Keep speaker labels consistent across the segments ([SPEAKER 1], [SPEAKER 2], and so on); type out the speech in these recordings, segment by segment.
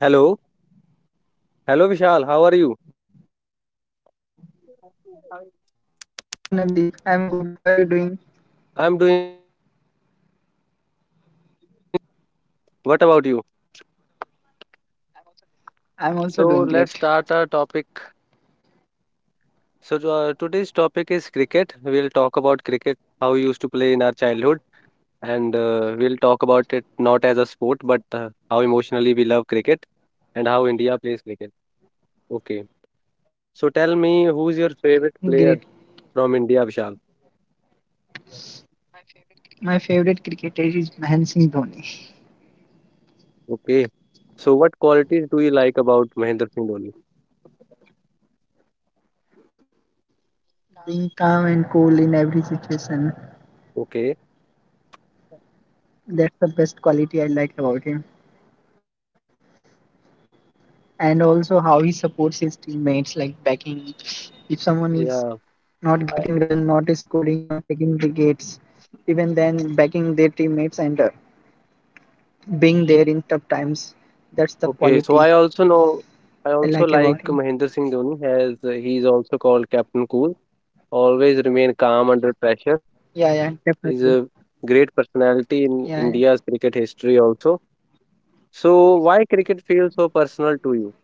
[SPEAKER 1] Hello. Hello, Vishal. How are you?
[SPEAKER 2] Hello Navdeep, I'm good. How are you doing?
[SPEAKER 1] I'm doing great. What about you?
[SPEAKER 2] I'm also doing great.
[SPEAKER 1] So, let's start our topic. So today's topic is cricket. We'll talk about cricket, how we used to play in our childhood, and we'll talk about it not as a sport, but how emotionally we love cricket and how India plays cricket. Okay. So, tell me who's your favorite player
[SPEAKER 2] Great.
[SPEAKER 1] from India, Vishal?
[SPEAKER 2] My favorite cricketer is Mahan Singh Dhoni.
[SPEAKER 1] Okay. So, what qualities do you like about Mahendra Singh Dhoni?
[SPEAKER 2] Being calm and cool in every situation,
[SPEAKER 1] Okay.
[SPEAKER 2] that's the best quality I like about him. And also how he supports his teammates, like backing. If someone is
[SPEAKER 1] Yeah.
[SPEAKER 2] not getting run, not scoring, not taking wickets, even then backing their teammates and being there in tough times, that's the
[SPEAKER 1] Okay, so
[SPEAKER 2] quality
[SPEAKER 1] I also know, I
[SPEAKER 2] I
[SPEAKER 1] also
[SPEAKER 2] like
[SPEAKER 1] like
[SPEAKER 2] about him.
[SPEAKER 1] Mahendra Singh Dhoni as he is also called Captain Cool. Always remain calm under pressure.
[SPEAKER 2] Yeah, yeah,
[SPEAKER 1] He's
[SPEAKER 2] definitely.
[SPEAKER 1] a great personality in
[SPEAKER 2] Yeah, yeah.
[SPEAKER 1] India's cricket history also. So why cricket feels so personal to you?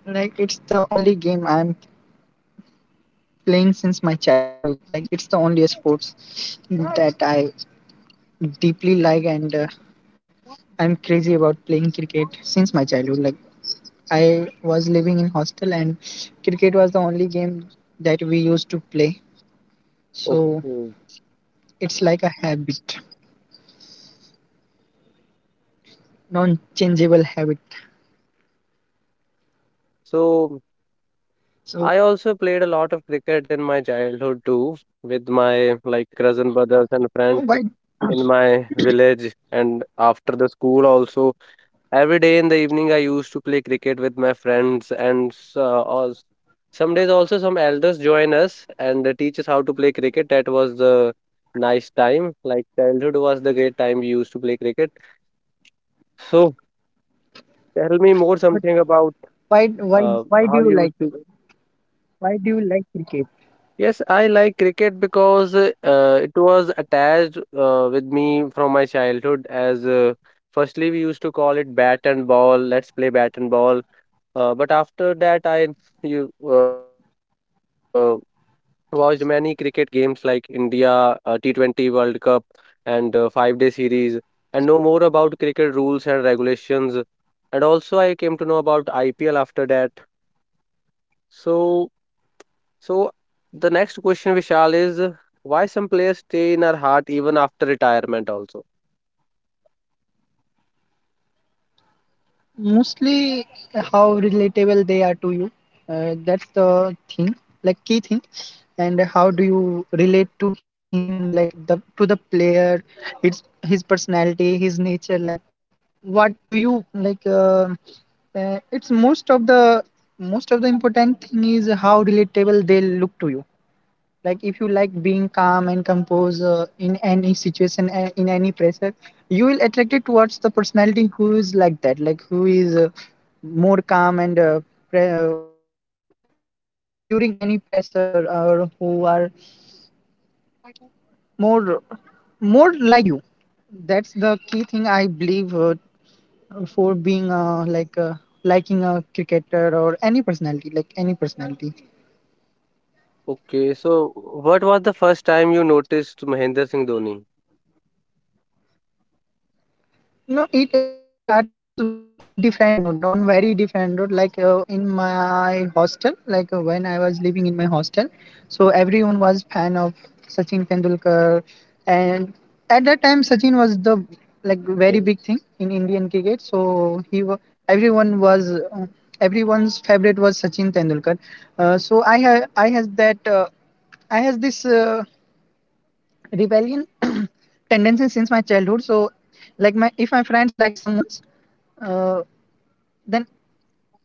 [SPEAKER 2] Like it's the only game I'm playing since my childhood. Like it's the only sports that I deeply like, and I'm crazy about playing cricket since my childhood. Like I was living in hostel, and cricket was the only game that we used to play. So
[SPEAKER 1] Okay.
[SPEAKER 2] it's like a habit, non-changeable habit.
[SPEAKER 1] So
[SPEAKER 2] So
[SPEAKER 1] I also played a lot of cricket in my childhood too, with my like cousin brothers and
[SPEAKER 2] why,
[SPEAKER 1] friends in my village and after the school also. Every day in the evening, I used to play cricket with my friends, and some days also some elders join us and teach us how to play cricket. That was the nice time. Like childhood was the great time we used to play cricket. So tell me more
[SPEAKER 2] but
[SPEAKER 1] something about
[SPEAKER 2] why, why, why do
[SPEAKER 1] how
[SPEAKER 2] you
[SPEAKER 1] you used
[SPEAKER 2] like?
[SPEAKER 1] to.
[SPEAKER 2] Why do you like cricket?
[SPEAKER 1] Yes, I like cricket because it was attached with me from my childhood. As firstly, we used to call it bat and ball. Let's play bat and ball. But after that, I you uh, watched many cricket games like India T20 World Cup and 5 day series, and know more about cricket rules and regulations. And also, I came to know about IPL after that. So so the next question, Vishal, is why some players stay in our heart even after retirement also?
[SPEAKER 2] Mostly how relatable they are to you, that's the thing, like key thing. And how do you relate to him, like the to the player? It's his personality, his nature. Like what do you like, it's most of the important thing is how relatable they look to you. Like if you like being calm and composed, in any situation, in any pressure, you will attract it towards the personality who is like that, like who is more calm and pre- uh, and during any pressure, or who are more, more like you. That's the key thing I believe, for being, liking a cricketer or any personality, like any personality.
[SPEAKER 1] Okay, so what was the first time you noticed Mahendra Singh Dhoni?
[SPEAKER 2] No, it started with on different note, on very different note. Like in my hostel, like when I was living in my hostel, so everyone was fan of Sachin Tendulkar, and at that time Sachin was the, like,
[SPEAKER 1] Okay.
[SPEAKER 2] very big thing in Indian cricket. Everyone was everyone's favorite was Sachin Tendulkar. I has that, I has this. Rebellion tendency since my childhood. So like my, if my friends like someone's, uh, then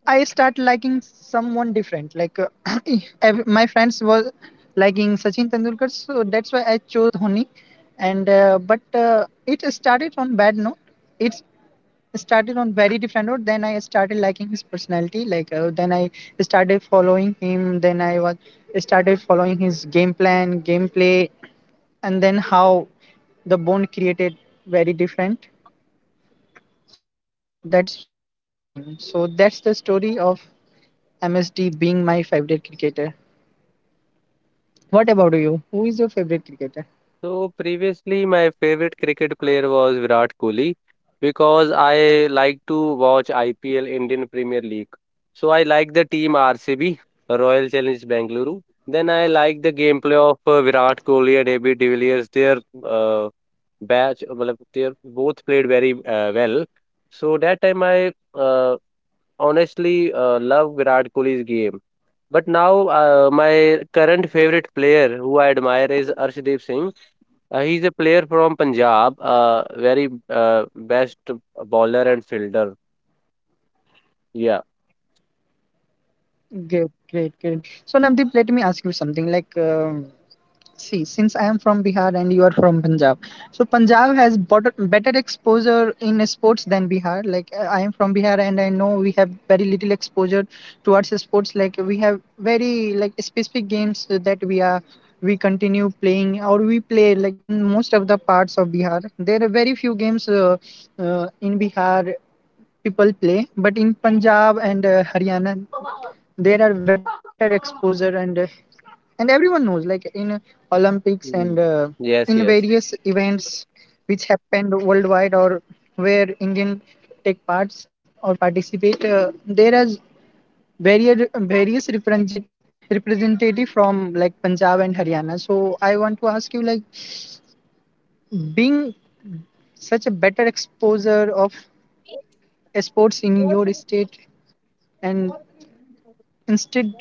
[SPEAKER 2] I start liking someone different. Like my friends was liking Sachin Tendulkar, so that's why I chose Dhoni. And uh, but uh, it started on bad note. It started on very different note. Then I started liking his personality. Like then I started following him. Then I was started following his game plan, gameplay, and then how the bond created, very different. So that's why I like him. So that's the story of MSD being my favorite cricketer. What about you? Who is your favorite cricketer?
[SPEAKER 1] So previously, my favorite cricket player was Virat Kohli because I like to watch IPL, Indian Premier League. So I like the team RCB, Royal Challenge Bengaluru. Then I like the gameplay of Virat Kohli and AB de Villiers. Their uh, batch, matlab they both played very well. So that time I honestly love Virat Kohli's game. But now my current favorite player who I admire is Arshdeep Singh. He's a player from Punjab, very best bowler and fielder. Yeah.
[SPEAKER 2] Great, great, great. So Navdeep, let me ask you something. Like, see, since I am from Bihar and you are from Punjab, so Punjab has better exposure in sports than Bihar. Like I am from Bihar and I know we have very little exposure towards sports. Like we have very, like, specific games that we are, we continue playing, or we play, like, in most of the parts of Bihar. There are very few games, in Bihar people play, but in Punjab and Haryana there are better exposure, and everyone knows, like, in olympics
[SPEAKER 1] Hmm.
[SPEAKER 2] and
[SPEAKER 1] Yes,
[SPEAKER 2] in
[SPEAKER 1] yes.
[SPEAKER 2] various events which happened worldwide, or where Indian take parts or participate, there are various representative from like Punjab and Haryana. So I want to ask you, like, being such a better exposure of sports in your state, and instead,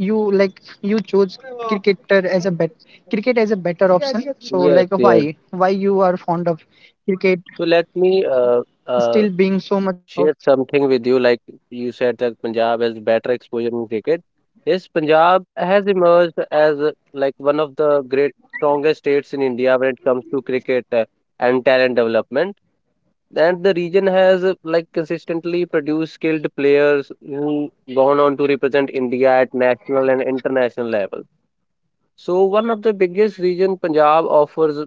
[SPEAKER 2] you like, you chose cricketer as a bet cricket as a better option. So
[SPEAKER 1] Yes,
[SPEAKER 2] like,
[SPEAKER 1] yes.
[SPEAKER 2] why you are fond of cricket
[SPEAKER 1] So let me
[SPEAKER 2] still being so much of?
[SPEAKER 1] share something with you, like you said that Punjab has better exposure in cricket. Yes, Punjab has emerged as like one of the great strongest states in India when it comes to cricket, and talent development. And the region has like consistently produced skilled players who gone on to represent India at national and international level. So one of the biggest reason Punjab offers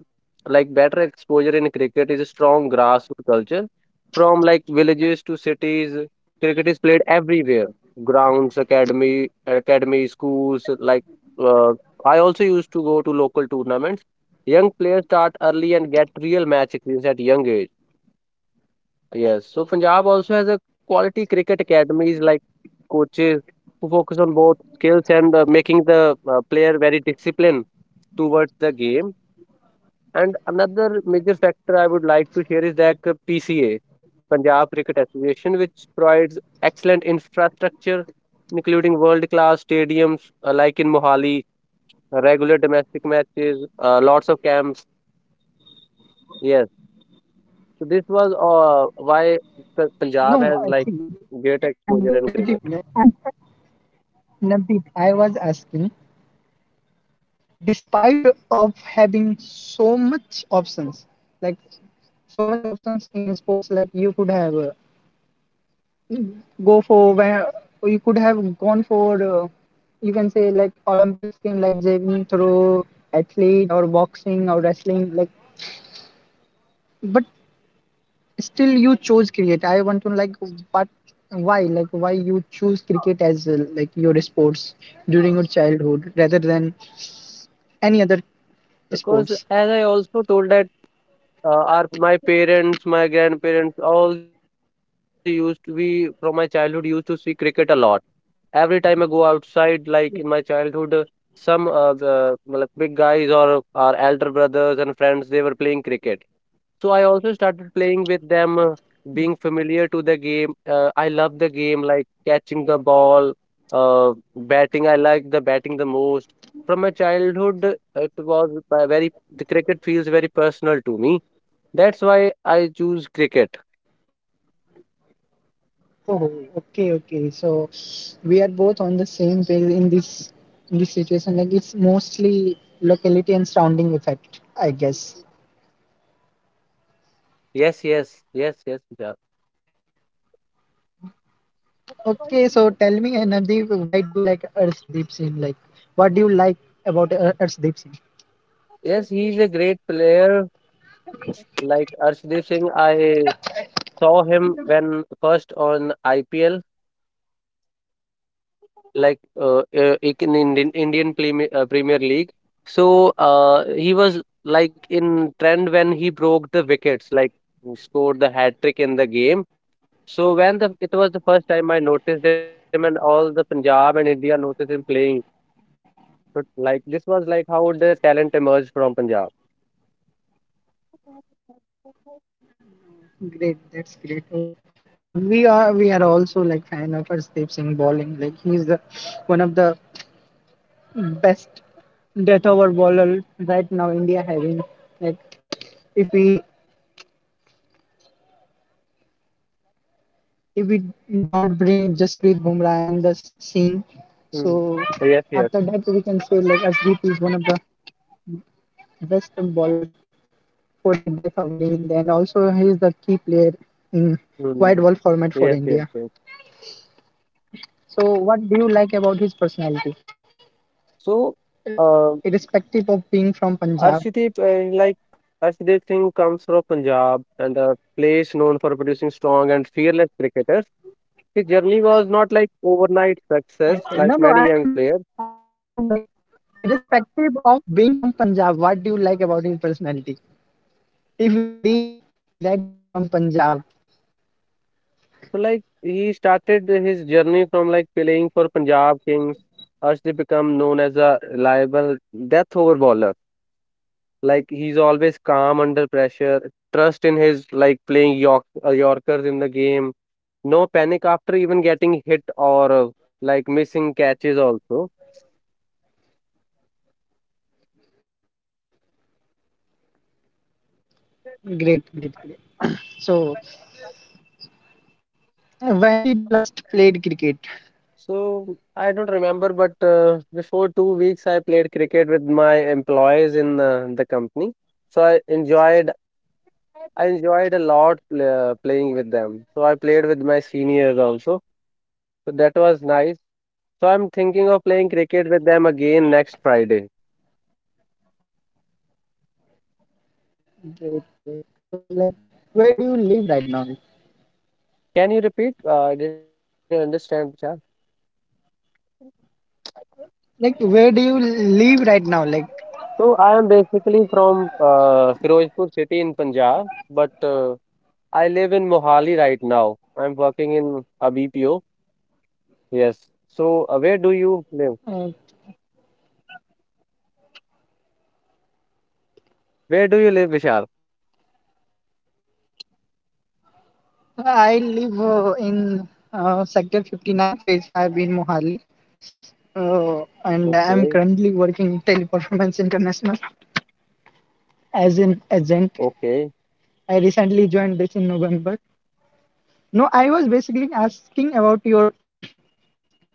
[SPEAKER 1] like better exposure in cricket is a strong grassroots culture. From like villages to cities, cricket is played everywhere. Grounds, academy, schools. Like uh, I also used to go to local tournaments. Young players start early and get real match experience at young age. Yes, so Punjab also has a quality cricket academies like coaches who focus on both skills and making the player very disciplined towards the game. And another major factor I would like to share is that PCA, Punjab Cricket Association, which provides excellent infrastructure, including world-class stadiums like in Mohali, regular domestic matches, lots of camps. Yes. So this was why the
[SPEAKER 2] No,
[SPEAKER 1] Punjab
[SPEAKER 2] I
[SPEAKER 1] has
[SPEAKER 2] see.
[SPEAKER 1] like great
[SPEAKER 2] Okay, Navdeep
[SPEAKER 1] exposure in
[SPEAKER 2] Navdeep
[SPEAKER 1] cricket
[SPEAKER 2] I'm, Navdeep, I was asking despite of having so much options, like so much options in sports. Like you could have, go for where you could have gone for, you can say like olympics game like javelin throw athlete, or boxing or wrestling, like. But still you chose cricket. I want to, like, but why, like, why you choose cricket as like your sports during your childhood rather than any other
[SPEAKER 1] because
[SPEAKER 2] sports?
[SPEAKER 1] as I also told that our my parents, my grandparents, all they used to be from my childhood used to see cricket a lot. Every time I go outside, like in my childhood, some the well, big guys or our elder brothers and friends they were playing cricket. So I also started playing with them, being familiar to the game. I love the game, like catching the ball, batting. I like the batting the most. From my childhood, it was the cricket feels very personal to me. That's why I choose cricket.
[SPEAKER 2] Oh, okay, okay. So we are both on the same page in this, in this situation. Like it's mostly locality and surrounding effect, I guess.
[SPEAKER 1] Yes, yes, yes, yes, Vishal.
[SPEAKER 2] Okay, so tell me, Navdeep, why do you like Arshdeep Singh? Like, what do you like about Arshdeep Singh?
[SPEAKER 1] Yes, he's a great player. Like Arshdeep Singh, I saw him when first on IPL, in Indian Premier, Premier League. So he was like in trend when he broke the wickets, like he scored the hat trick in the game. So when the it was the first time I noticed him, and all the Punjab and India noticed him playing. So like this was like how the talent emerged from Punjab.
[SPEAKER 2] Great, that's great. Oh, and we are also like fan of Arshdeep Singh bowling. Like, he's the one of the best death over bowler right now. India having, like, if we if we don't bring Jasprit Bumrah in the scene,
[SPEAKER 1] Mhm. Yes, yes.
[SPEAKER 2] so after that we can say like Arshdeep is one of the best bowler for the death over in India, and also he is the key player in wide
[SPEAKER 1] Mhm.
[SPEAKER 2] world format for
[SPEAKER 1] Yes, yes,
[SPEAKER 2] India.
[SPEAKER 1] yes.
[SPEAKER 2] So, what do you like about his personality,
[SPEAKER 1] So. Uh,
[SPEAKER 2] irrespective of being from Punjab?
[SPEAKER 1] Arshdeep, like Arshdeep Singh comes from Punjab and a place known for producing strong and fearless cricketers. His journey was not like overnight success,
[SPEAKER 2] Okay.
[SPEAKER 1] like
[SPEAKER 2] No, no,
[SPEAKER 1] many
[SPEAKER 2] I'm
[SPEAKER 1] young
[SPEAKER 2] ask,
[SPEAKER 1] players.
[SPEAKER 2] I'm asking, like, irrespective of being from Punjab, what do you like about his personality? If we leave that he is from Punjab.
[SPEAKER 1] So like he started his journey from like playing for Punjab Kings. Arshdeep become known as a reliable death over bowler. Like he's always calm under pressure, trust in his like playing Yorkers in the game, no panic after even getting hit or like missing catches also.
[SPEAKER 2] Great, great, great. So, when did you last played cricket?
[SPEAKER 1] So I don't remember, but before 2 weeks, I played cricket with my employees in the company. So I enjoyed a lot playing with them. So I played with my seniors also. So that was nice. So I'm thinking of playing cricket with them again next Friday.
[SPEAKER 2] Great, great. So, like, where do you live right now?
[SPEAKER 1] Can you repeat? I didn't understand, Chad.
[SPEAKER 2] Like, where do you live right now? Like,
[SPEAKER 1] So I am basically from Firozpur city in Punjab, but I live in Mohali right now. I'm working in a BPO. Yes. So, where do you live?
[SPEAKER 2] Uh,
[SPEAKER 1] Where do you live, Vishal?
[SPEAKER 2] I live in Sector 59, Phase 5 in Mohali, and
[SPEAKER 1] Okay.
[SPEAKER 2] I'm currently working in Teleperformance International as an agent.
[SPEAKER 1] Okay.
[SPEAKER 2] I recently joined this in November. No, I was basically asking about your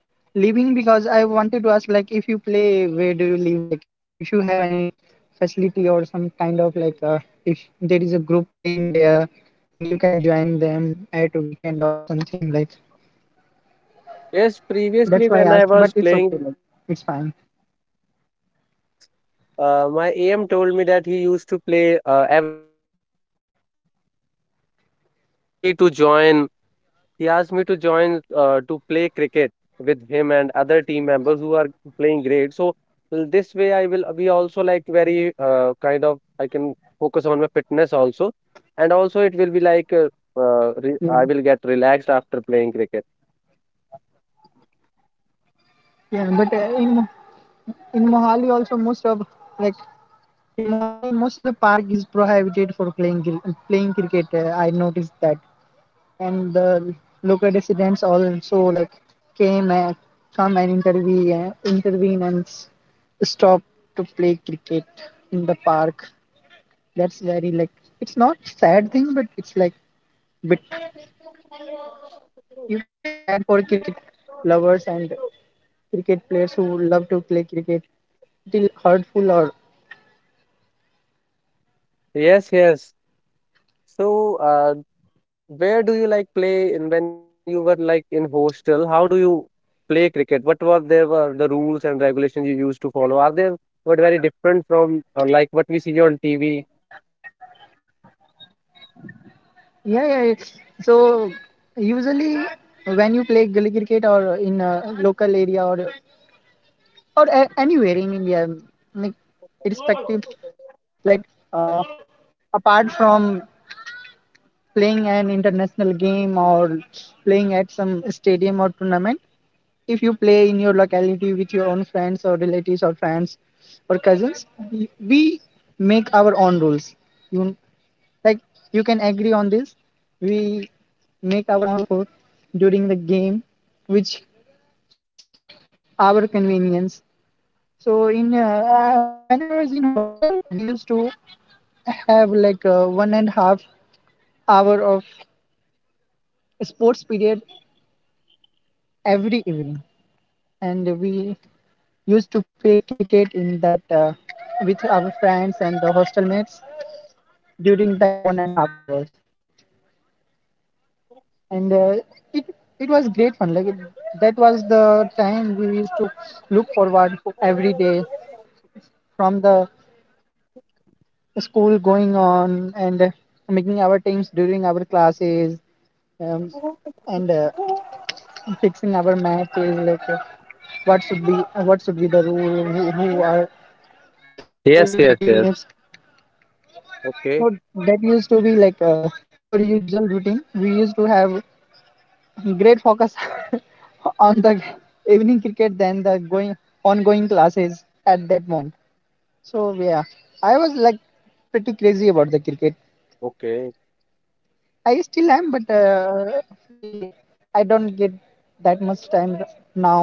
[SPEAKER 2] living, because I wanted to ask, like, if you play, where do you live? Like, if you have any facility or some kind of, like, if there is a group playing there, and you can join them at weekend or something like.
[SPEAKER 1] Yes,
[SPEAKER 2] That's
[SPEAKER 1] previously
[SPEAKER 2] why I
[SPEAKER 1] when
[SPEAKER 2] asked,
[SPEAKER 1] I
[SPEAKER 2] but
[SPEAKER 1] was
[SPEAKER 2] it's
[SPEAKER 1] playing
[SPEAKER 2] okay.
[SPEAKER 1] with
[SPEAKER 2] Like
[SPEAKER 1] uh,
[SPEAKER 2] it's fine.
[SPEAKER 1] playing with my seniors, my AM told me that he used to play every Saturday and Sunday cricket in Mohali also. So he asked me to join He asked me to join to play cricket with him and other team members who are playing great. So this way, I will be also like very kind of I can focus on my fitness also, and also it will be like re
[SPEAKER 2] Yeah,
[SPEAKER 1] I will get relaxed after playing cricket.
[SPEAKER 2] yeah. But in Mohali also, most of, like, in Mohali most of the park is prohibited for playing cricket. I noticed that, and the local residents also like came and come and intervene, intervene and stop to play cricket in the park. That's very like, it's not sad thing, but it's like bit, you can say, sad for cricket lovers and cricket players who love to play cricket. It's little hurtful or,
[SPEAKER 1] Yes, yes. So uh, Where do you like play in when you were like in hostel? How do you play cricket? What were there were the rules and regulations you used to follow? Are they were very different from like what we see on TV?
[SPEAKER 2] yeah, yeah. It's, so usually when you play gully cricket, or in a local area, or anywhere in India, like, irrespective, like, uh, apart from playing an international game, or playing at some stadium or tournament, if you play in your locality with your own friends or relatives or friends or cousins, we make our own rules. You, like, you can agree on this, we make our own rules for, during the game, which suits our convenience. So in when I was in hostel, we used to have like 1.5 hour of sports period every evening, and we used to play cricket in that, with our friends and the hostel mates during that 1.5 hours, and it it was great fun. Like that was the time we used to look forward for every day, from the school going on, and making our teams during our classes, um, and fixing our math is like, what should be the rule, who are, who
[SPEAKER 1] Yes,
[SPEAKER 2] will
[SPEAKER 1] yes,
[SPEAKER 2] be the
[SPEAKER 1] yes.
[SPEAKER 2] teammates.
[SPEAKER 1] Okay,
[SPEAKER 2] So that used to be like, our usual routine. We used to have great focus on the evening cricket than the going, ongoing classes at that moment. So yeah, I was like pretty crazy about the cricket.
[SPEAKER 1] okay.
[SPEAKER 2] I still am, but we I don't get that much time now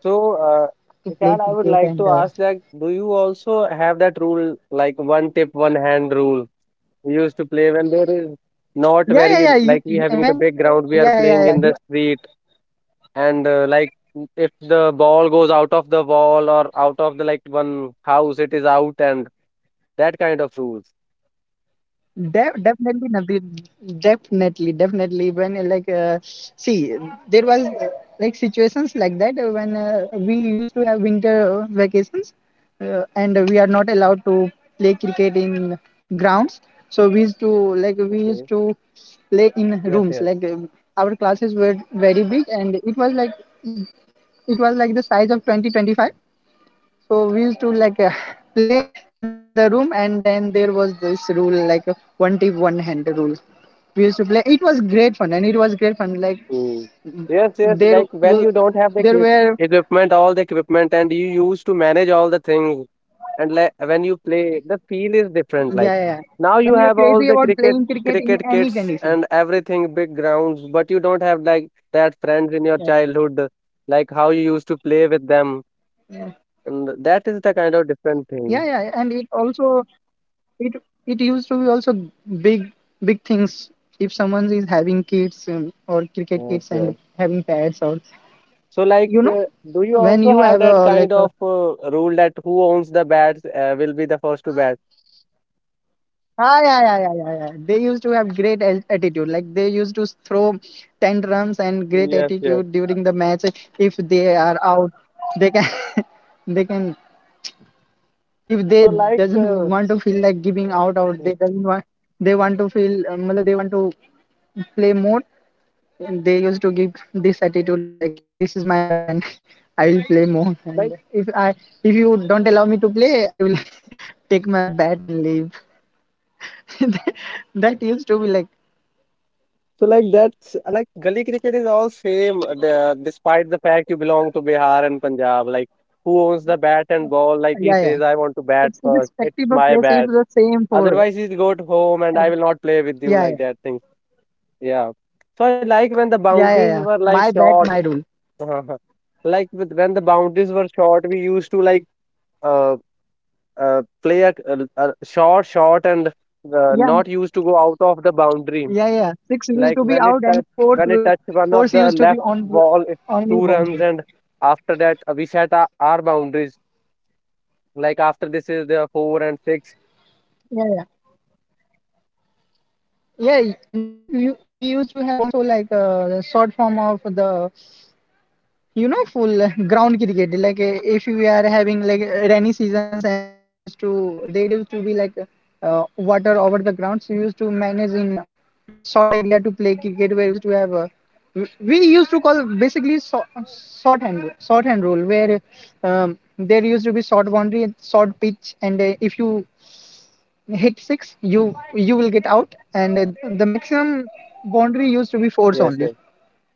[SPEAKER 1] So,
[SPEAKER 2] to play
[SPEAKER 1] Vishal, I would
[SPEAKER 2] cricket,
[SPEAKER 1] like
[SPEAKER 2] and
[SPEAKER 1] to
[SPEAKER 2] uh,
[SPEAKER 1] ask that do you also have that rule, like one tip, one hand rule? We used to play when there is not
[SPEAKER 2] yeah, yeah,
[SPEAKER 1] very
[SPEAKER 2] yeah. You,
[SPEAKER 1] like we having the
[SPEAKER 2] when
[SPEAKER 1] big ground, we are
[SPEAKER 2] yeah, yeah,
[SPEAKER 1] playing
[SPEAKER 2] yeah.
[SPEAKER 1] in
[SPEAKER 2] Do
[SPEAKER 1] the
[SPEAKER 2] you,
[SPEAKER 1] street. And, like, if the ball goes out of the wall or out of the, like, one house, it is out and that kind of rules.
[SPEAKER 2] definitely, Navdeep. Definitely, definitely. When see, there was like situations like that, when we used to have winter vacations, and we are not allowed to play cricket in grounds. So we used to like,
[SPEAKER 1] Okay.
[SPEAKER 2] we used to play
[SPEAKER 1] Yes,
[SPEAKER 2] in
[SPEAKER 1] yes.
[SPEAKER 2] rooms. Like our classes were very big, and it was like, it was like the size of 2025. So we used to like play inside the room, and then there was this rule like, one tip, one hand rule. We used to play. It was great fun, and it was great fun.
[SPEAKER 1] Mm.
[SPEAKER 2] Like,
[SPEAKER 1] Yes, yes.
[SPEAKER 2] mm,
[SPEAKER 1] Like when you
[SPEAKER 2] there
[SPEAKER 1] don't have
[SPEAKER 2] will,
[SPEAKER 1] the equip
[SPEAKER 2] there were,
[SPEAKER 1] equipment, all the equipment, and you used to manage all the things, and like when you play, the feel is different.
[SPEAKER 2] yeah,
[SPEAKER 1] Like
[SPEAKER 2] yeah, yeah.
[SPEAKER 1] now
[SPEAKER 2] When
[SPEAKER 1] you
[SPEAKER 2] you are
[SPEAKER 1] have all
[SPEAKER 2] crazy
[SPEAKER 1] the
[SPEAKER 2] about
[SPEAKER 1] cricket
[SPEAKER 2] playing cricket in
[SPEAKER 1] cricket
[SPEAKER 2] any
[SPEAKER 1] kits
[SPEAKER 2] condition.
[SPEAKER 1] and everything, big grounds, but you don't have like that friends in your
[SPEAKER 2] Yeah,
[SPEAKER 1] childhood, like how you used to play with them.
[SPEAKER 2] yeah,
[SPEAKER 1] And that is the kind of different thing.
[SPEAKER 2] yeah, yeah, and it also, it it used to be also big, big things if someone is having kids, or cricket
[SPEAKER 1] Yes,
[SPEAKER 2] kids and
[SPEAKER 1] yes.
[SPEAKER 2] having pets, or
[SPEAKER 1] So, like,
[SPEAKER 2] you know
[SPEAKER 1] do you
[SPEAKER 2] when
[SPEAKER 1] also
[SPEAKER 2] you
[SPEAKER 1] have
[SPEAKER 2] have
[SPEAKER 1] that
[SPEAKER 2] a, like
[SPEAKER 1] kind
[SPEAKER 2] a,
[SPEAKER 1] of rule that who owns the bats will be the first to bat?
[SPEAKER 2] ah, yeah, yeah, yeah, yeah, yeah. They used to have great attitude. Like they used to throw tantrums and great
[SPEAKER 1] Yes, yes.
[SPEAKER 2] attitude during the match. If they are out, they can, they can. If they
[SPEAKER 1] So, like,
[SPEAKER 2] doesn't want to feel like giving out, or
[SPEAKER 1] mm,
[SPEAKER 2] they doesn't want, they want to feel, matlab they want to play more. And They used to give this attitude like this is my bat and I will play more. And
[SPEAKER 1] like,
[SPEAKER 2] if you don't allow me to play, I will take my bat and leave. That used to be like.
[SPEAKER 1] so like that's like gully cricket is all same. The, despite the fact you belong to Bihar and Punjab, like who owns the bat and ball? Like he
[SPEAKER 2] Yeah,
[SPEAKER 1] says, I
[SPEAKER 2] yeah.
[SPEAKER 1] want to bat
[SPEAKER 2] It's
[SPEAKER 1] first. It's
[SPEAKER 2] irrespective of
[SPEAKER 1] my
[SPEAKER 2] place. It's
[SPEAKER 1] bat.
[SPEAKER 2] the same for.
[SPEAKER 1] Otherwise, he'll go to home
[SPEAKER 2] uh,
[SPEAKER 1] and I will not play with you
[SPEAKER 2] Yeah, yeah,
[SPEAKER 1] like that thing. Yeah. So I like when the
[SPEAKER 2] yeah, yeah,
[SPEAKER 1] boundaries
[SPEAKER 2] yeah.
[SPEAKER 1] were like
[SPEAKER 2] My bat,
[SPEAKER 1] short.
[SPEAKER 2] my rule.
[SPEAKER 1] Like with, when the boundaries were short, we used to like uh, play a short and
[SPEAKER 2] Yeah,
[SPEAKER 1] not used to go out of the boundary.
[SPEAKER 2] yeah, yeah. Six used
[SPEAKER 1] Like
[SPEAKER 2] to be out and
[SPEAKER 1] when it touched one of
[SPEAKER 2] fourth
[SPEAKER 1] the
[SPEAKER 2] used to
[SPEAKER 1] left
[SPEAKER 2] be on
[SPEAKER 1] wall, it two
[SPEAKER 2] only
[SPEAKER 1] runs
[SPEAKER 2] boundary.
[SPEAKER 1] and after that we set our boundaries. Like after this is the four and six.
[SPEAKER 2] Yeah, yeah, yeah. Navdeep, we used to have also like a short form of the you know full ground cricket like if we are having like rainy seasons and there used to be like water over the ground, so we used to manage in short area to play cricket where we used to have we used to call basically so, short hand rule where there used to be short boundary and short pitch, and if you hit six you will get out, and the maximum boundary used to be
[SPEAKER 1] Yes,
[SPEAKER 2] fours
[SPEAKER 1] yes.
[SPEAKER 2] only,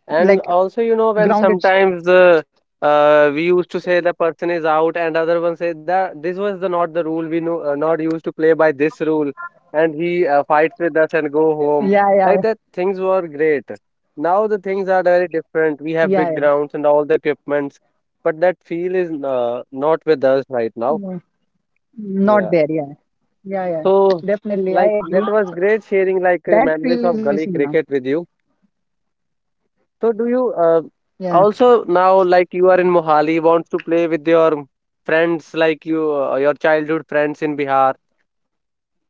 [SPEAKER 1] And
[SPEAKER 2] like
[SPEAKER 1] also, you know, when
[SPEAKER 2] grounded
[SPEAKER 1] sometimes
[SPEAKER 2] short.
[SPEAKER 1] the we used to say the person is out, and other one say that this was the not the rule. We know not used to play by this rule, and he fights with us and go home. Like
[SPEAKER 2] Yeah,
[SPEAKER 1] that,
[SPEAKER 2] yeah,
[SPEAKER 1] things were great. Now the things are very different. We have big grounds
[SPEAKER 2] yeah,
[SPEAKER 1] and
[SPEAKER 2] yeah.
[SPEAKER 1] all the equipments, but that feel is not with us right now.
[SPEAKER 2] No,
[SPEAKER 1] Yeah.
[SPEAKER 2] not there. Yeah, yeah, yeah.
[SPEAKER 1] So,
[SPEAKER 2] Definitely, I
[SPEAKER 1] like that
[SPEAKER 2] agree.
[SPEAKER 1] was great sharing like
[SPEAKER 2] That
[SPEAKER 1] memories
[SPEAKER 2] feel is
[SPEAKER 1] of gully
[SPEAKER 2] missing now.
[SPEAKER 1] cricket with you. So do you
[SPEAKER 2] Yeah,
[SPEAKER 1] also now, like, you are in Mohali, wants to play with your friends, like, you your childhood friends in Bihar,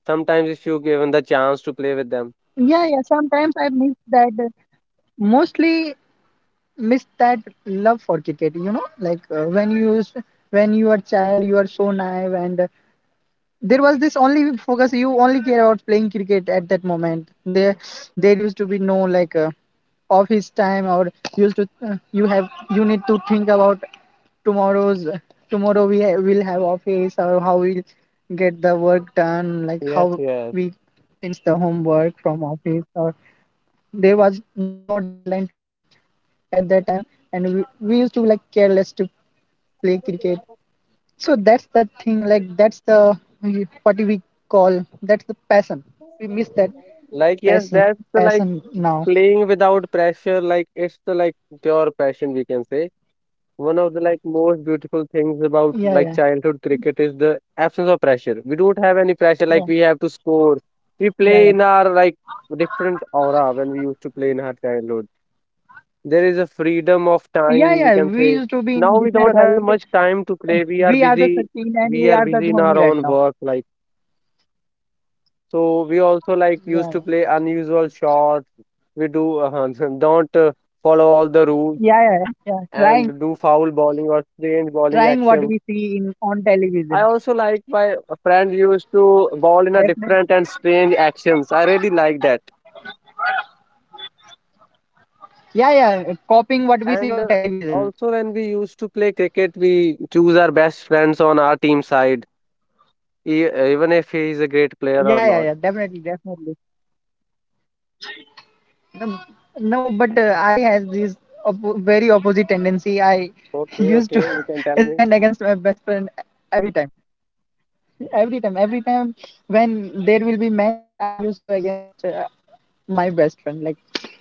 [SPEAKER 1] sometimes if you given the chance to play with them.
[SPEAKER 2] yeah, yeah. Sometimes I miss that. Mostly miss that love for cricket. You know, like when you are child, you are so naive and there was this only focus, you only care about playing cricket at that moment. There used to be no like office time or used to you have you need to think about tomorrow's tomorrow will have office, or how we'll get the work done, like how
[SPEAKER 1] Yes, yes.
[SPEAKER 2] we finish the homework from office, or there was no deadline to meet at that time, and we used to be like careless to play cricket. So that's the thing, like that's the what we call, that's the passion. We miss that
[SPEAKER 1] Like, yes,
[SPEAKER 2] passion,
[SPEAKER 1] that's the, like,
[SPEAKER 2] now.
[SPEAKER 1] playing without pressure, like it's the, like, pure passion, we can say. One of the, like, most beautiful things about,
[SPEAKER 2] Yeah, yeah,
[SPEAKER 1] like, childhood cricket is the absence of pressure. We don't have any pressure,
[SPEAKER 2] yeah,
[SPEAKER 1] like we have to score. We
[SPEAKER 2] yeah, yeah.
[SPEAKER 1] play in our, like, different aura when we used to play in our childhood. There is a freedom of
[SPEAKER 2] Yeah,
[SPEAKER 1] time,
[SPEAKER 2] yeah.
[SPEAKER 1] you can
[SPEAKER 2] We
[SPEAKER 1] say.
[SPEAKER 2] used to be in
[SPEAKER 1] Now
[SPEAKER 2] different
[SPEAKER 1] we
[SPEAKER 2] or
[SPEAKER 1] don't
[SPEAKER 2] like
[SPEAKER 1] have much time to
[SPEAKER 2] uh,
[SPEAKER 1] play. We are
[SPEAKER 2] we are the
[SPEAKER 1] busy.
[SPEAKER 2] Sachin and
[SPEAKER 1] We
[SPEAKER 2] we
[SPEAKER 1] are
[SPEAKER 2] are the
[SPEAKER 1] busy in
[SPEAKER 2] Dhoni
[SPEAKER 1] our
[SPEAKER 2] right
[SPEAKER 1] own
[SPEAKER 2] now.
[SPEAKER 1] work, like. So we also, like, used
[SPEAKER 2] Yeah,
[SPEAKER 1] to play unusual shots. We do don't follow all the rules
[SPEAKER 2] yeah, yeah, yeah, yeah, yeah. Trying,
[SPEAKER 1] and do foul bowling or strange bowling
[SPEAKER 2] trying what
[SPEAKER 1] actions.
[SPEAKER 2] we see in on
[SPEAKER 1] I
[SPEAKER 2] television.
[SPEAKER 1] also, like, my friend used to bowl in a
[SPEAKER 2] Definitely.
[SPEAKER 1] different and strange actions. I really like that.
[SPEAKER 2] Yeah, yeah. Copying what we see
[SPEAKER 1] And
[SPEAKER 2] on television.
[SPEAKER 1] Also, when we used to play cricket, we choose our best friends on our team side, E even if he is a great player or
[SPEAKER 2] Yeah, yeah,
[SPEAKER 1] not.
[SPEAKER 2] yeah. Definitely, definitely. No, no, but I has this oppo very opposite tendency. I
[SPEAKER 1] Okay,
[SPEAKER 2] used to
[SPEAKER 1] okay, you can tell me.
[SPEAKER 2] stand against my best friend every time. Every time, every time when there will be match, I used to against my best friend. Like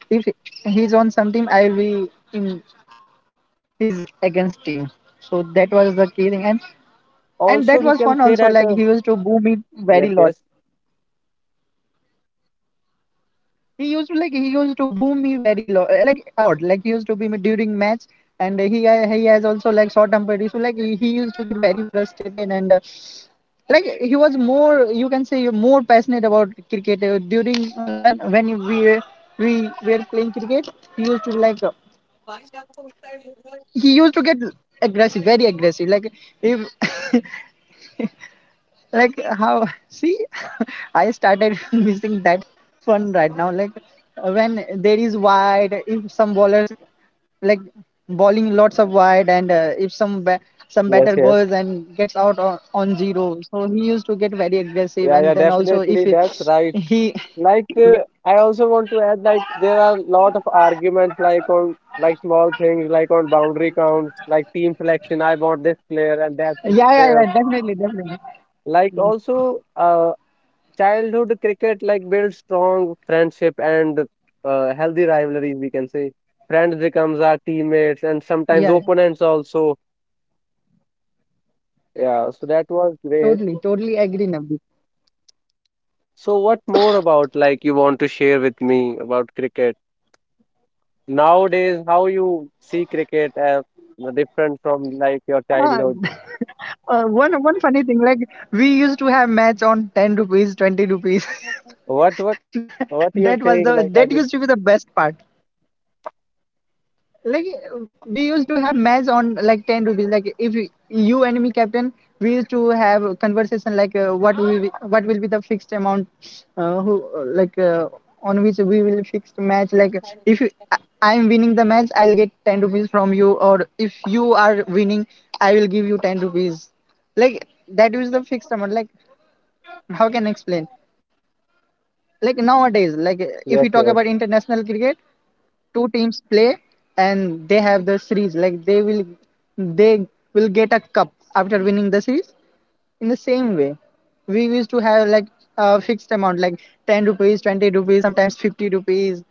[SPEAKER 2] if he's on some team, I will be in his
[SPEAKER 1] Like,
[SPEAKER 2] against team. So that was the key thing, and
[SPEAKER 1] also we can say that,
[SPEAKER 2] that was fun also. Like he used to boo me
[SPEAKER 1] yes, yes,
[SPEAKER 2] very lot. He used to like he used to boom me very like a lot, like he used to be me during match. And he has also like short temper issue, like he used to get very frustrated and like he was more, you can say more passionate about cricket during when we were playing cricket. He used to like he used to get aggressive, very aggressive, like if like how see I started missing that fun right now, like when there is wide, if some bowlers like bowling lots of wide, and if some
[SPEAKER 1] yes,
[SPEAKER 2] batter
[SPEAKER 1] yes.
[SPEAKER 2] goes and gets out on zero, so he used to get very aggressive.
[SPEAKER 1] Yeah, yeah,
[SPEAKER 2] And then also if
[SPEAKER 1] definitely,
[SPEAKER 2] he,
[SPEAKER 1] that's right.
[SPEAKER 2] he.
[SPEAKER 1] Like,
[SPEAKER 2] Yeah,
[SPEAKER 1] I also want to add, like, there are a lot of arguments, like on, like, small things, like on boundary counts, like team selection. I want this player and that
[SPEAKER 2] yeah,
[SPEAKER 1] player.
[SPEAKER 2] yeah, yeah, definitely, definitely.
[SPEAKER 1] Like,
[SPEAKER 2] Yeah,
[SPEAKER 1] also, childhood cricket, like, builds strong friendship and healthy rivalries, we can say. Friends becomes our teammates and sometimes
[SPEAKER 2] yeah,
[SPEAKER 1] opponents also. Yeah, so that was great.
[SPEAKER 2] totally, totally agree now.
[SPEAKER 1] So, what more about, like, you want to share with me about cricket? Nowadays, how you see cricket as different from, like, your
[SPEAKER 2] Ah,
[SPEAKER 1] childhood?
[SPEAKER 2] one, one funny thing, like we used to have match on ten rupees, 20 rupees.
[SPEAKER 1] What what you're saying, like, I did.
[SPEAKER 2] That used to be the best part, like uh, we used to have match on like 10 rupees. Like if you and me captain, we used to have a conversation like what will be the fixed amount, who like on which we will fix the match. Like if you, I, I'm winning the match, I'll get 10 rupees from you, or if you are winning, I will give you 10 rupees. Like that is the fixed amount. Like how can I explain, like nowadays, like
[SPEAKER 1] Yes, yes.
[SPEAKER 2] if we talk about international cricket, two teams play and they have the series, like they will get a cup after winning the series. In the same way, we used to have like a fixed amount, like 10 rupees, 20 rupees, sometimes 50 rupees.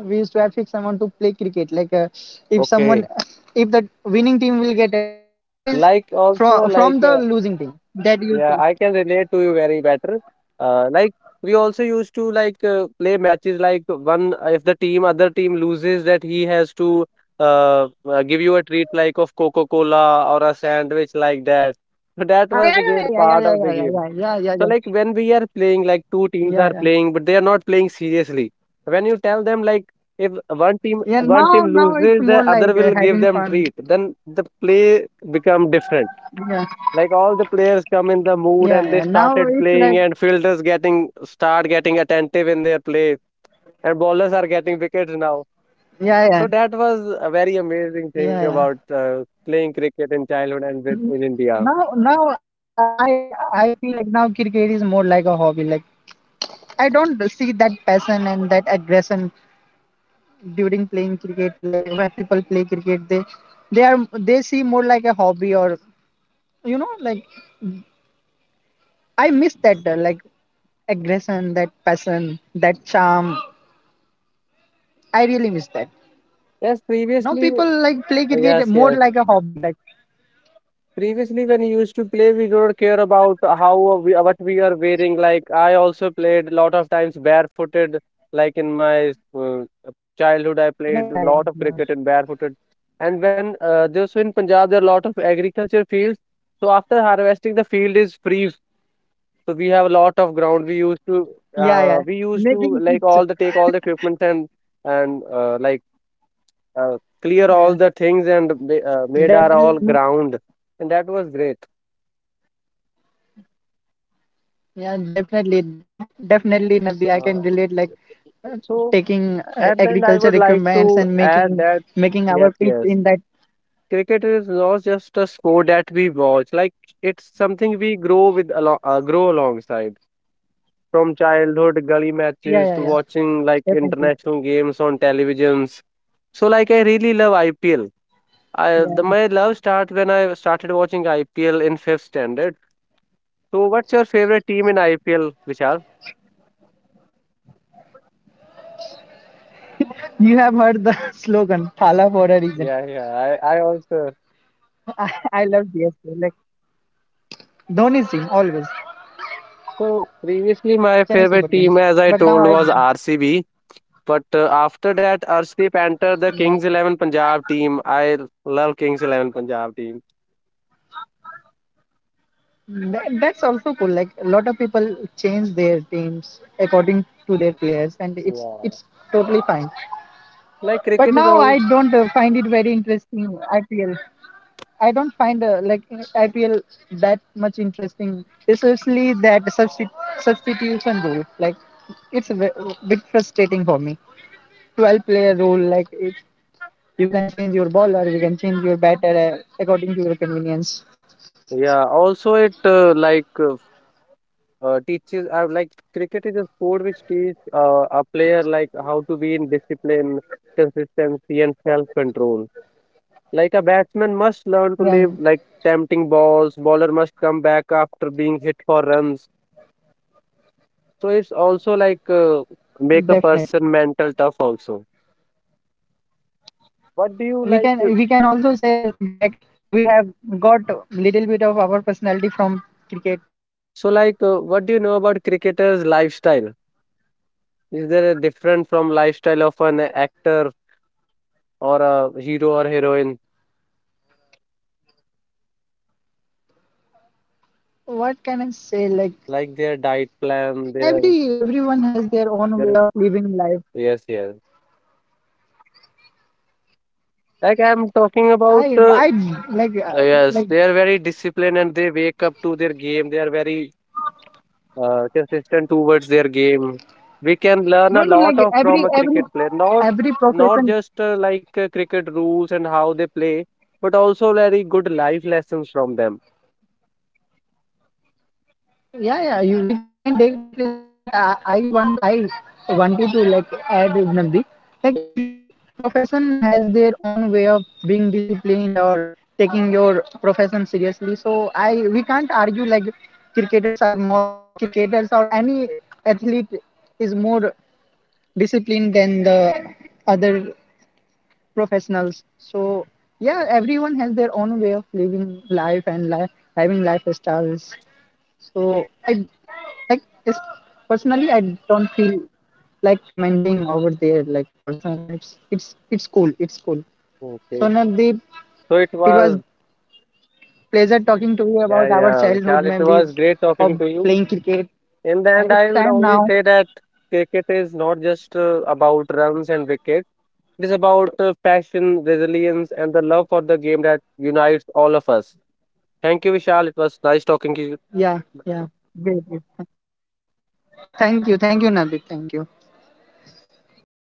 [SPEAKER 2] We used to have fixed amount to play cricket, like if someone,
[SPEAKER 1] Okay.
[SPEAKER 2] if the winning team will get
[SPEAKER 1] Like,
[SPEAKER 2] 50 rupees
[SPEAKER 1] also, like,
[SPEAKER 2] from the losing team,
[SPEAKER 1] yeah,
[SPEAKER 2] that
[SPEAKER 1] I
[SPEAKER 2] used
[SPEAKER 1] can
[SPEAKER 2] to.
[SPEAKER 1] relate to you very better. Like, we also used to, like, play matches like, one if the team, other team loses, that he has to give you a treat, like, of Coca-Cola or a sandwich, like that. So
[SPEAKER 2] Ah,
[SPEAKER 1] that
[SPEAKER 2] yeah,
[SPEAKER 1] was the
[SPEAKER 2] yeah,
[SPEAKER 1] great
[SPEAKER 2] yeah, yeah,
[SPEAKER 1] part
[SPEAKER 2] yeah,
[SPEAKER 1] of
[SPEAKER 2] yeah,
[SPEAKER 1] the game.
[SPEAKER 2] yeah, yeah, yeah, yeah,
[SPEAKER 1] So,
[SPEAKER 2] yeah,
[SPEAKER 1] like, when we are playing, like, two teams
[SPEAKER 2] yeah,
[SPEAKER 1] are
[SPEAKER 2] yeah.
[SPEAKER 1] playing but they are not playing seriously. When you tell them, like, if one team
[SPEAKER 2] Yeah,
[SPEAKER 1] one
[SPEAKER 2] now,
[SPEAKER 1] team
[SPEAKER 2] now it's
[SPEAKER 1] loses, the
[SPEAKER 2] more
[SPEAKER 1] other
[SPEAKER 2] like
[SPEAKER 1] will give
[SPEAKER 2] having
[SPEAKER 1] them
[SPEAKER 2] fun.
[SPEAKER 1] treat, then the play become different.
[SPEAKER 2] Yeah.
[SPEAKER 1] Like, all the players come in the mood
[SPEAKER 2] Yeah,
[SPEAKER 1] and they
[SPEAKER 2] yeah. Now
[SPEAKER 1] started
[SPEAKER 2] it's
[SPEAKER 1] playing,
[SPEAKER 2] like,
[SPEAKER 1] and fielders getting start getting attentive in their play, and bowlers are getting wickets now.
[SPEAKER 2] yeah, yeah,
[SPEAKER 1] So that was a very amazing thing
[SPEAKER 2] yeah, yeah.
[SPEAKER 1] about playing cricket in childhood and with in
[SPEAKER 2] Mm,
[SPEAKER 1] india.
[SPEAKER 2] now, I feel like now cricket is more like a hobby. Like I don't see that passion and that aggression during playing cricket. Like when people play cricket, they see more like a hobby or you know like I miss that like aggression, that passion, that charm. I really miss that.
[SPEAKER 1] Yes,
[SPEAKER 2] Now
[SPEAKER 1] previously.
[SPEAKER 2] people like play cricket
[SPEAKER 1] Yes,
[SPEAKER 2] more
[SPEAKER 1] yes.
[SPEAKER 2] like a hobby. Like
[SPEAKER 1] Previously, when we used to play, we don't care about how we, what we are wearing. Like, I also played a lot of times barefooted. Like, in my childhood, I played
[SPEAKER 2] yeah,
[SPEAKER 1] a
[SPEAKER 2] yeah,
[SPEAKER 1] lot of
[SPEAKER 2] yeah,
[SPEAKER 1] cricket in barefooted. And when just in Punjab, there are a lot of agriculture fields. So after harvesting, the field is free. So we have a lot of ground. We used to
[SPEAKER 2] yeah, yeah.
[SPEAKER 1] we used to,
[SPEAKER 2] Making
[SPEAKER 1] like, all
[SPEAKER 2] pitch.
[SPEAKER 1] the take all the equipment, and like uh, clear all the
[SPEAKER 2] Yeah,
[SPEAKER 1] things and ma- made our
[SPEAKER 2] definitely.
[SPEAKER 1] all
[SPEAKER 2] Mm,
[SPEAKER 1] ground, and that was great.
[SPEAKER 2] yeah, definitely. Definitely, Nabi. I
[SPEAKER 1] uh,
[SPEAKER 2] can relate. Like uh,
[SPEAKER 1] so
[SPEAKER 2] taking
[SPEAKER 1] at the end, I
[SPEAKER 2] agriculture
[SPEAKER 1] would like to
[SPEAKER 2] equipments and
[SPEAKER 1] add
[SPEAKER 2] making,
[SPEAKER 1] that,
[SPEAKER 2] making
[SPEAKER 1] yes,
[SPEAKER 2] our pitch
[SPEAKER 1] yes,
[SPEAKER 2] in that.
[SPEAKER 1] cricket is not just a sport that we watch, like, it's something we grow with along grow alongside, from childhood gully
[SPEAKER 2] Yeah,
[SPEAKER 1] matches
[SPEAKER 2] yeah,
[SPEAKER 1] to
[SPEAKER 2] yeah.
[SPEAKER 1] watching, like,
[SPEAKER 2] Definitely.
[SPEAKER 1] international games on televisions. So, like, I really love IPL. I, the,
[SPEAKER 2] Yeah,
[SPEAKER 1] my love start when I started watching IPL in fifth standard. So, what's your favorite team in IPL, Vishal?
[SPEAKER 2] yeah. You have heard the slogan "Thala for a reason."
[SPEAKER 1] Yeah, yeah. I also.
[SPEAKER 2] I, I love CSK. Like Dhoni's team always,
[SPEAKER 1] So, previously my
[SPEAKER 2] Chennai
[SPEAKER 1] favorite
[SPEAKER 2] Super
[SPEAKER 1] team,
[SPEAKER 2] Kings.
[SPEAKER 1] as I
[SPEAKER 2] But
[SPEAKER 1] told, was RCB. But after that, Arshdeep entered the
[SPEAKER 2] yeah,
[SPEAKER 1] Kings XI Punjab team. I love Kings XI Punjab team.
[SPEAKER 2] that, that's also cool. Like a lot of people change their teams according to their players, and
[SPEAKER 1] Yeah.
[SPEAKER 2] it's totally fine.
[SPEAKER 1] Like,
[SPEAKER 2] But
[SPEAKER 1] cricket is
[SPEAKER 2] now
[SPEAKER 1] all.
[SPEAKER 2] I don't find it very interesting IPL. I don't find like IPL that much interesting, especially that substitution rule. Like it's a bit frustrating for me. 12 player rule, like it, you can change your bowler, you can change your batter according to your convenience.
[SPEAKER 1] Yeah. Also, it like teaches. Like, cricket is a sport which teaches a player like how to be in discipline, consistency, and self control. Like, a batsman must learn to live
[SPEAKER 2] Yeah, yeah,
[SPEAKER 1] like tempting balls, bowler must come back after being hit for runs. So it's also like make a person
[SPEAKER 2] definitely.
[SPEAKER 1] mental tough also. What do you like? To-
[SPEAKER 2] We can also say like we have got little bit of our personality from cricket.
[SPEAKER 1] So, like, what do you know about cricketers' lifestyle? Is there a different from lifestyle of an actor or a hero or heroine?
[SPEAKER 2] What can I say? Like
[SPEAKER 1] Like, their diet plan, their,
[SPEAKER 2] everyone has their own
[SPEAKER 1] their.
[SPEAKER 2] way of living life.
[SPEAKER 1] Yes, yes. Like, I'm talking about
[SPEAKER 2] I like uh,
[SPEAKER 1] yes,
[SPEAKER 2] like
[SPEAKER 1] they are very disciplined and they wake up to their game. They are very consistent towards their game. We can learn
[SPEAKER 2] No,
[SPEAKER 1] a
[SPEAKER 2] no, like
[SPEAKER 1] lot of from a cricket player, not
[SPEAKER 2] every
[SPEAKER 1] not
[SPEAKER 2] profession.
[SPEAKER 1] just like cricket rules and how they play, but also very good life lessons from them.
[SPEAKER 2] Yeah, yeah, we can take life lessons, but I want I wanted to like add, Nandi, like profession has their own way of being disciplined or taking your profession seriously. So I we can't argue like cricketers are more cricketers or any athlete is more disciplined than the other professionals. So yeah, everyone has their own way of living life and having lifestyles. So I like it's, personally, I don't feel like commenting over their like personal lives. It's cool. It's cool. So
[SPEAKER 1] Okay,
[SPEAKER 2] Navdeep,
[SPEAKER 1] so it
[SPEAKER 2] it was
[SPEAKER 1] was,
[SPEAKER 2] pleasure talking to you
[SPEAKER 1] yeah,
[SPEAKER 2] about our
[SPEAKER 1] yeah, Vishal,
[SPEAKER 2] childhood
[SPEAKER 1] it was
[SPEAKER 2] memories
[SPEAKER 1] great talking to
[SPEAKER 2] of
[SPEAKER 1] you.
[SPEAKER 2] playing cricket.
[SPEAKER 1] In the
[SPEAKER 2] And
[SPEAKER 1] end,
[SPEAKER 2] it's
[SPEAKER 1] I would
[SPEAKER 2] time
[SPEAKER 1] only
[SPEAKER 2] now.
[SPEAKER 1] say that cricket is not just about runs and wickets. It is about passion, resilience, and the love for the game that unites all of us. Thank you, Vishal. It was nice talking to
[SPEAKER 2] Yeah, yeah. Great, great. Thank you. Thank you, Navdeep. Thank you.